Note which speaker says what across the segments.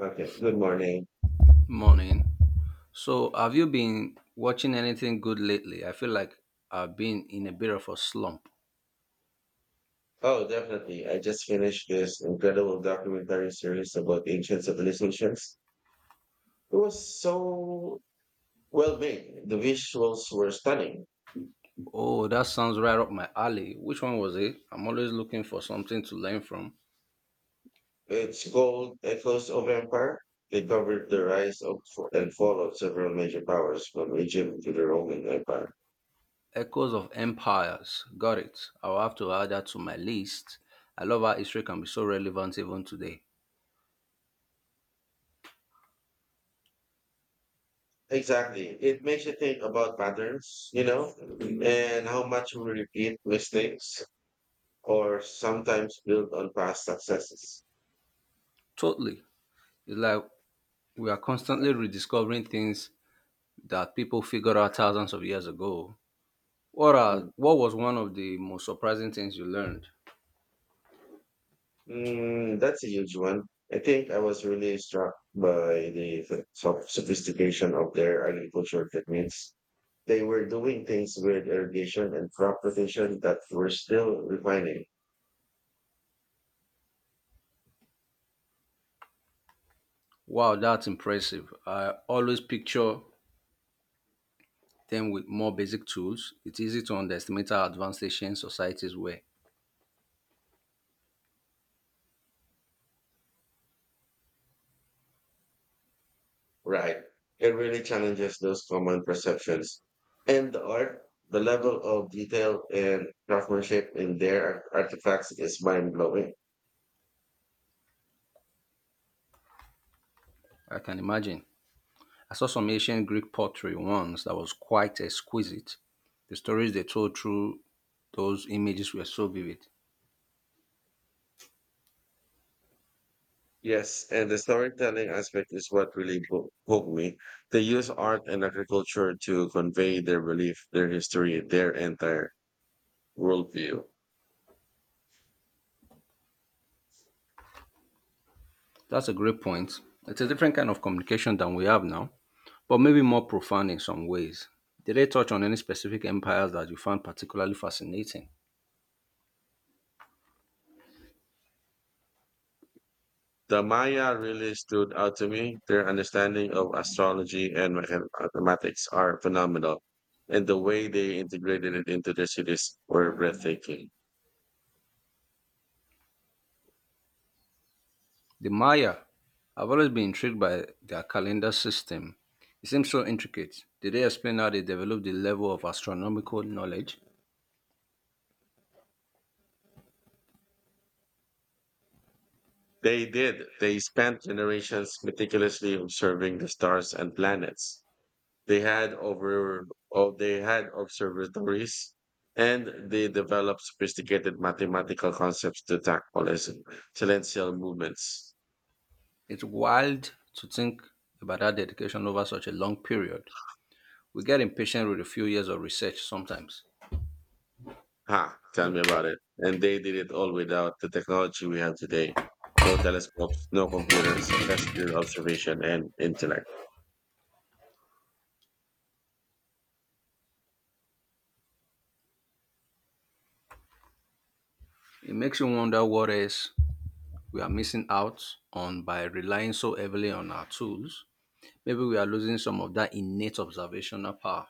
Speaker 1: Okay, good morning.
Speaker 2: Morning. So, have you been watching anything good lately? I feel like I've been in a bit of a slump.
Speaker 1: Oh, definitely. I just finished this incredible documentary series about ancient civilizations. It was so well made. The visuals were stunning.
Speaker 2: Oh, that sounds right up my alley. Which one was it? I'm always looking for something to learn from.
Speaker 1: It's called Echoes of Empire. They covered the rise of and fall of several major powers from Egypt to the Roman Empire.
Speaker 2: Echoes of Empires. Got it. I'll have to add that to my list. I love how history can be so relevant even today.
Speaker 1: Exactly. It makes you think about patterns, and how much we repeat mistakes or sometimes build on past successes.
Speaker 2: Totally. It's like we are constantly rediscovering things that people figured out thousands of years ago. What are
Speaker 1: Hmm.
Speaker 2: what was one of the most surprising things you learned?
Speaker 1: That's a huge one. I think I was really struck by the sophistication of their agricultural techniques. They were doing things with irrigation and crop rotation that we're still refining.
Speaker 2: Wow, that's impressive. I always picture them with more basic tools. It's easy to underestimate how advanced Asian societies were.
Speaker 1: Right. It really challenges those common perceptions. And the art, the level of detail and craftsmanship in their artifacts is mind blowing.
Speaker 2: I can imagine. I saw some ancient Greek pottery once that was quite exquisite. The stories they told through those images were so vivid.
Speaker 1: Yes, and the storytelling aspect is what really hooked me. They use art and agriculture to convey their belief, their history, their entire worldview.
Speaker 2: That's a great point. It's a different kind of communication than we have now, but maybe more profound in some ways. Did they touch on any specific empires that you found particularly fascinating?
Speaker 1: The Maya really stood out to me. Their understanding of astrology and mathematics are phenomenal, and the way they integrated it into their cities were breathtaking.
Speaker 2: The Maya I have always been intrigued by their calendar system. It seems so intricate. Did they explain how they developed the level of astronomical knowledge?
Speaker 1: They did. They spent generations meticulously observing the stars and planets. They had over Oh, they had observatories and they developed sophisticated mathematical concepts to tackle celestial movements.
Speaker 2: It's wild to think about that dedication over such a long period. We get impatient with a few years of research sometimes.
Speaker 1: Ha, tell me about it. And they did it all without the technology we have today. No telescopes, no computers, just pure observation and intellect.
Speaker 2: It makes you wonder what else we are missing out on by relying so heavily on our tools. Maybe we are losing some of that innate observational power.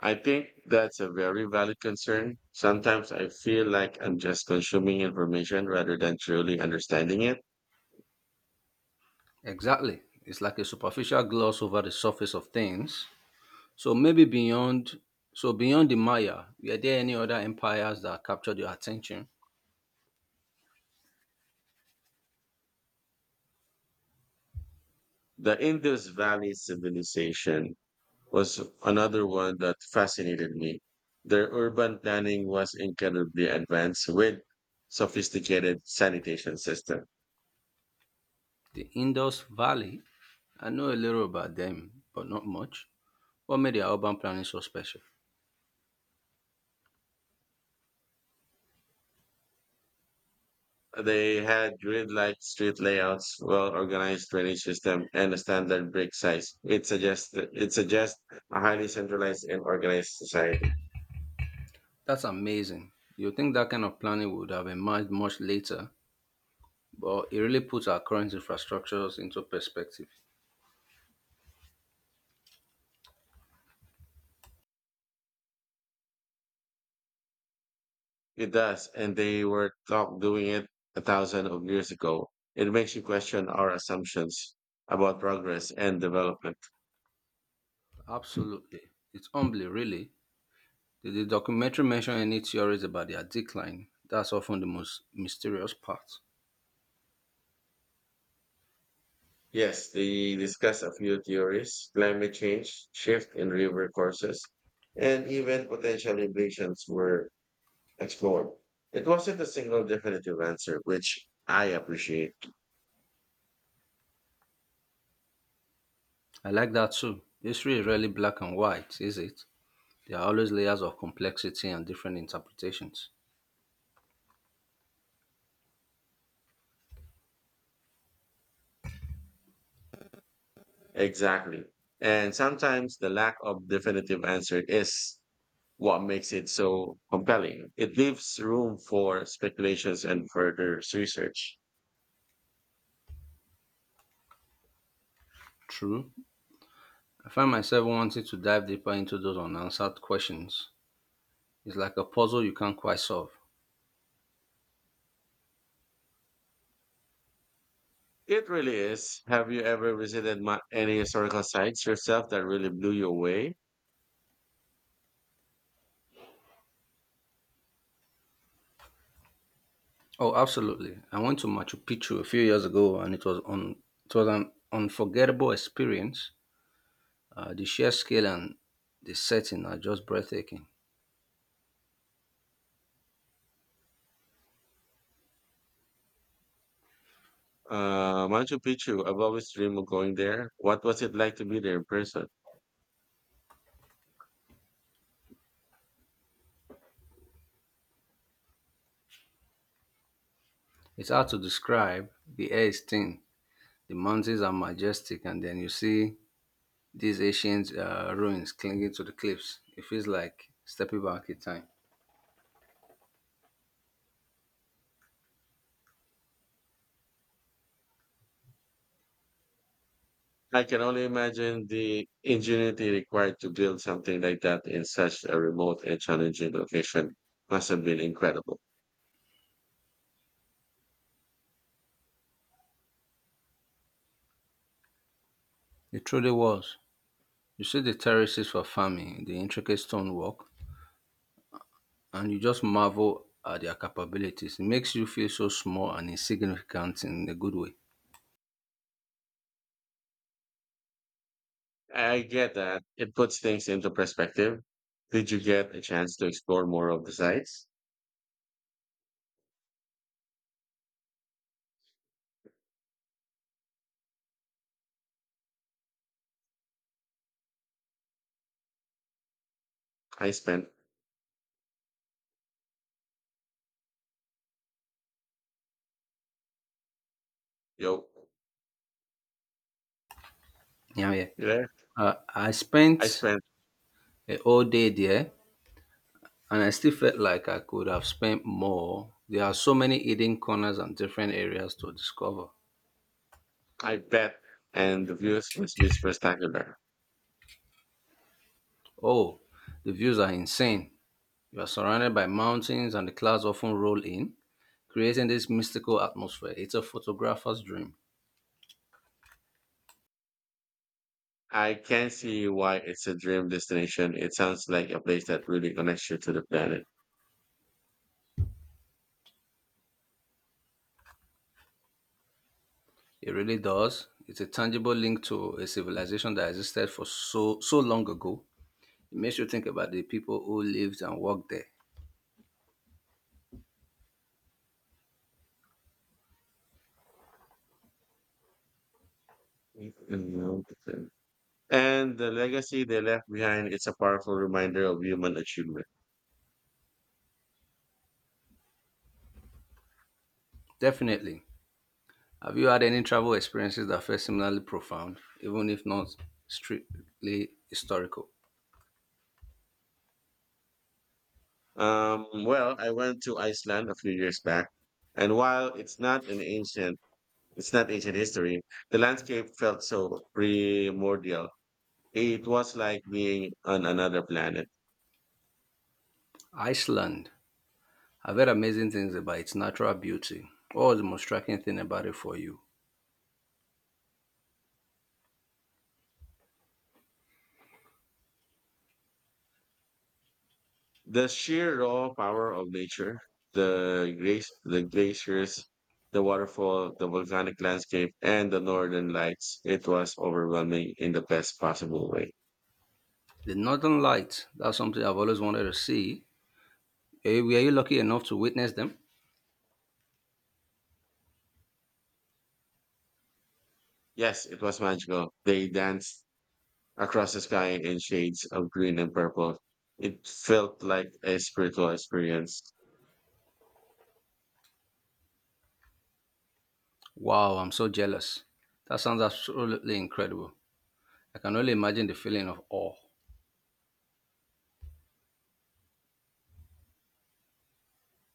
Speaker 1: I think that's a very valid concern. Sometimes I feel like I'm just consuming information rather than truly understanding it.
Speaker 2: Exactly. It's like a superficial gloss over the surface of things. So maybe beyond so beyond the Maya, were there any other empires that captured your attention?
Speaker 1: The Indus Valley civilization was another one that fascinated me. Their urban planning was incredibly advanced with sophisticated sanitation system.
Speaker 2: The Indus Valley. I know a little about them, but not much. What made their urban planning so special?
Speaker 1: They had grid-like street layouts, well-organized drainage system, and a standard brick size. It suggests a highly centralized and organized society.
Speaker 2: That's amazing. You think that kind of planning would have emerged much later, but it really puts our current infrastructures into perspective.
Speaker 1: It does, and they were taught doing it a thousand of years ago. It makes you question our assumptions about progress and development.
Speaker 2: Absolutely. It's humbling, really. Did the documentary mention any theories about their decline? That's often the most mysterious part.
Speaker 1: Yes, they discuss a few theories, climate change, shift in river courses, and even potential invasions were explored. It wasn't a single definitive answer, which I appreciate.
Speaker 2: I like that too. History is rarely black and white, is it? There are always layers of complexity and different interpretations.
Speaker 1: Exactly. And sometimes the lack of definitive answer is what makes it so compelling. It leaves room for speculations and further research.
Speaker 2: True. I find myself wanting to dive deeper into those unanswered questions. It's like a puzzle you can't quite solve.
Speaker 1: It really is. Have you ever visited any historical sites yourself that really blew you away?
Speaker 2: Oh, absolutely. I went to Machu Picchu a few years ago and it was an unforgettable experience. The sheer scale and the setting are just breathtaking.
Speaker 1: Machu Picchu. I've always dreamed of going there. What was it like to be there in person?
Speaker 2: It's hard to describe. The air is thin, the mountains are majestic, and then you see these ancient ruins clinging to the cliffs. It feels like stepping back in time.
Speaker 1: I can only imagine the ingenuity required to build something like that in such a remote and challenging location must have been incredible.
Speaker 2: It truly was. You see the terraces for farming, the intricate stonework, and you just marvel at their capabilities. It makes you feel so small and insignificant in a good way.
Speaker 1: I get that. It puts things into perspective. Did you get a chance to explore more of the sites? I spent, yo,
Speaker 2: Yeah, yeah.
Speaker 1: you there?
Speaker 2: I
Speaker 1: I
Speaker 2: spent
Speaker 1: spent,
Speaker 2: a whole day there, and I still felt like I could have spent more. There are so many hidden corners and different areas to discover.
Speaker 1: I bet, and the views must be spectacular.
Speaker 2: Oh, the views are insane. You are surrounded by mountains and the clouds often roll in, creating this mystical atmosphere. It's a photographer's dream.
Speaker 1: I can see why it's a dream destination. It sounds like a place that really connects you to the planet.
Speaker 2: It really does. It's a tangible link to a civilization that existed for so long ago. It makes you think about the people who lived and worked there.
Speaker 1: And the legacy they left behind. It's a powerful reminder of human achievement.
Speaker 2: Definitely. Have you had any travel experiences that felt similarly profound, even if not strictly historical?
Speaker 1: Well, I went to Iceland a few years back, and while it's not an ancient, it's not ancient history, the landscape felt so primordial. It was like being on another planet.
Speaker 2: Iceland. I've heard amazing things about its natural beauty. What was the most striking thing about it for you?
Speaker 1: The sheer raw power of nature, the grace, the glaciers, the waterfall, the volcanic landscape, and the northern lights, it was overwhelming in the best possible way.
Speaker 2: The Northern Lights, that's something I've always wanted to see. Were you lucky enough to witness them?
Speaker 1: Yes, it was magical. They danced across the sky in shades of green and purple. It felt like a spiritual experience.
Speaker 2: Wow, I'm so jealous. That sounds absolutely incredible. I can only imagine the feeling of awe.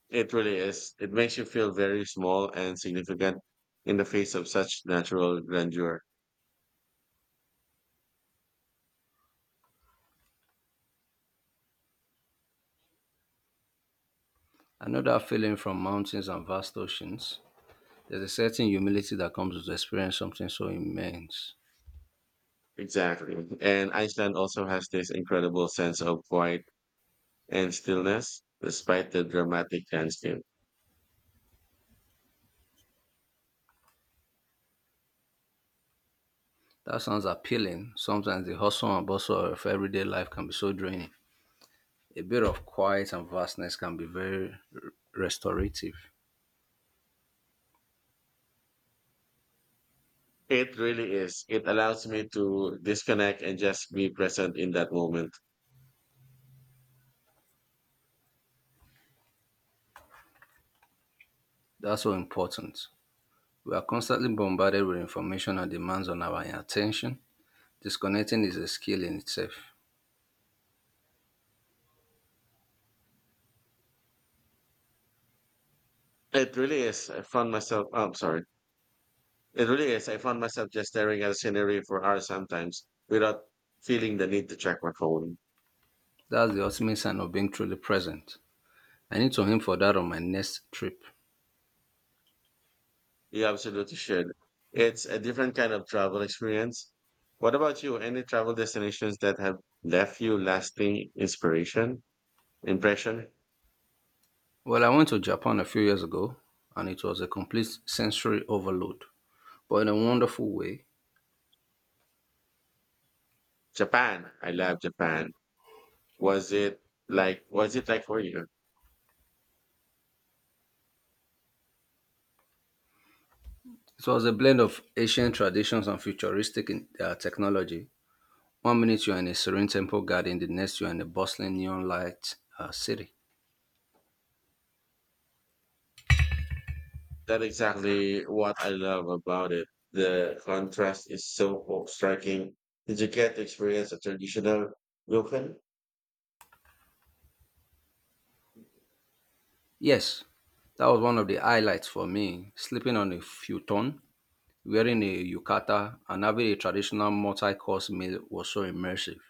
Speaker 1: It really is. It makes you feel very small and significant in the face of such natural grandeur.
Speaker 2: I know that feeling from mountains and vast oceans. There's a certain humility that comes with experience something so immense.
Speaker 1: Exactly. And Iceland also has this incredible sense of quiet and stillness despite the dramatic landscape.
Speaker 2: That sounds appealing. Sometimes the hustle and bustle of everyday life can be so draining. A bit of quiet and vastness can be very restorative.
Speaker 1: It really is. It allows me to disconnect and just be present in that moment.
Speaker 2: That's so important. We are constantly bombarded with information and demands on our attention. Disconnecting is a skill in itself.
Speaker 1: It really is. I found myself, oh, I'm sorry. It really is. I found myself just staring at scenery for hours sometimes without feeling the need to check my phone.
Speaker 2: That's the ultimate sign of being truly present. I need to aim for that on my next trip.
Speaker 1: You absolutely should. It's a different kind of travel experience. What about you? Any travel destinations that have left you lasting inspiration? Impression?
Speaker 2: Well, I went to Japan a few years ago and it was a complete sensory overload, but in a wonderful way.
Speaker 1: Japan. I love Japan. Was it was it like for you?
Speaker 2: It was a blend of ancient traditions and futuristic technology. One minute you're in a serene temple garden, the next you're in a bustling neon light city.
Speaker 1: That's exactly what I love about it. The contrast is so striking. Did you get to experience a traditional ryokan?
Speaker 2: Yes, that was one of the highlights for me. Sleeping on a futon, wearing a yukata, and having a traditional multi course meal was so immersive.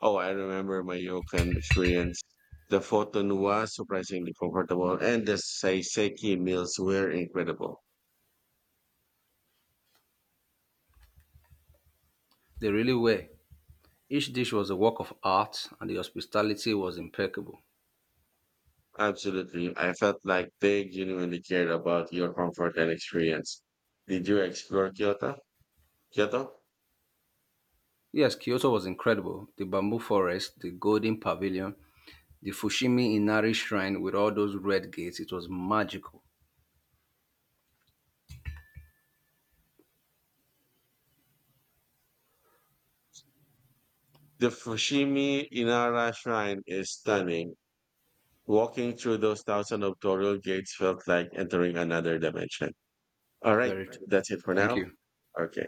Speaker 1: Oh, I remember my ryokan experience. The futon was surprisingly comfortable, and the saiseki meals were incredible.
Speaker 2: They really were. Each dish was a work of art, and the hospitality was impeccable.
Speaker 1: Absolutely, I felt like they genuinely cared about your comfort and experience. Did you explore Kyoto?
Speaker 2: Yes, Kyoto was incredible. The bamboo forest, the golden pavilion, the Fushimi Inari shrine with all those red gates, it was magical.
Speaker 1: The Fushimi Inara Shrine is stunning. Walking through those thousands of torii gates felt like entering another dimension. All right,
Speaker 2: Very true.
Speaker 1: that's it for
Speaker 2: Thank
Speaker 1: now.
Speaker 2: you.
Speaker 1: Okay.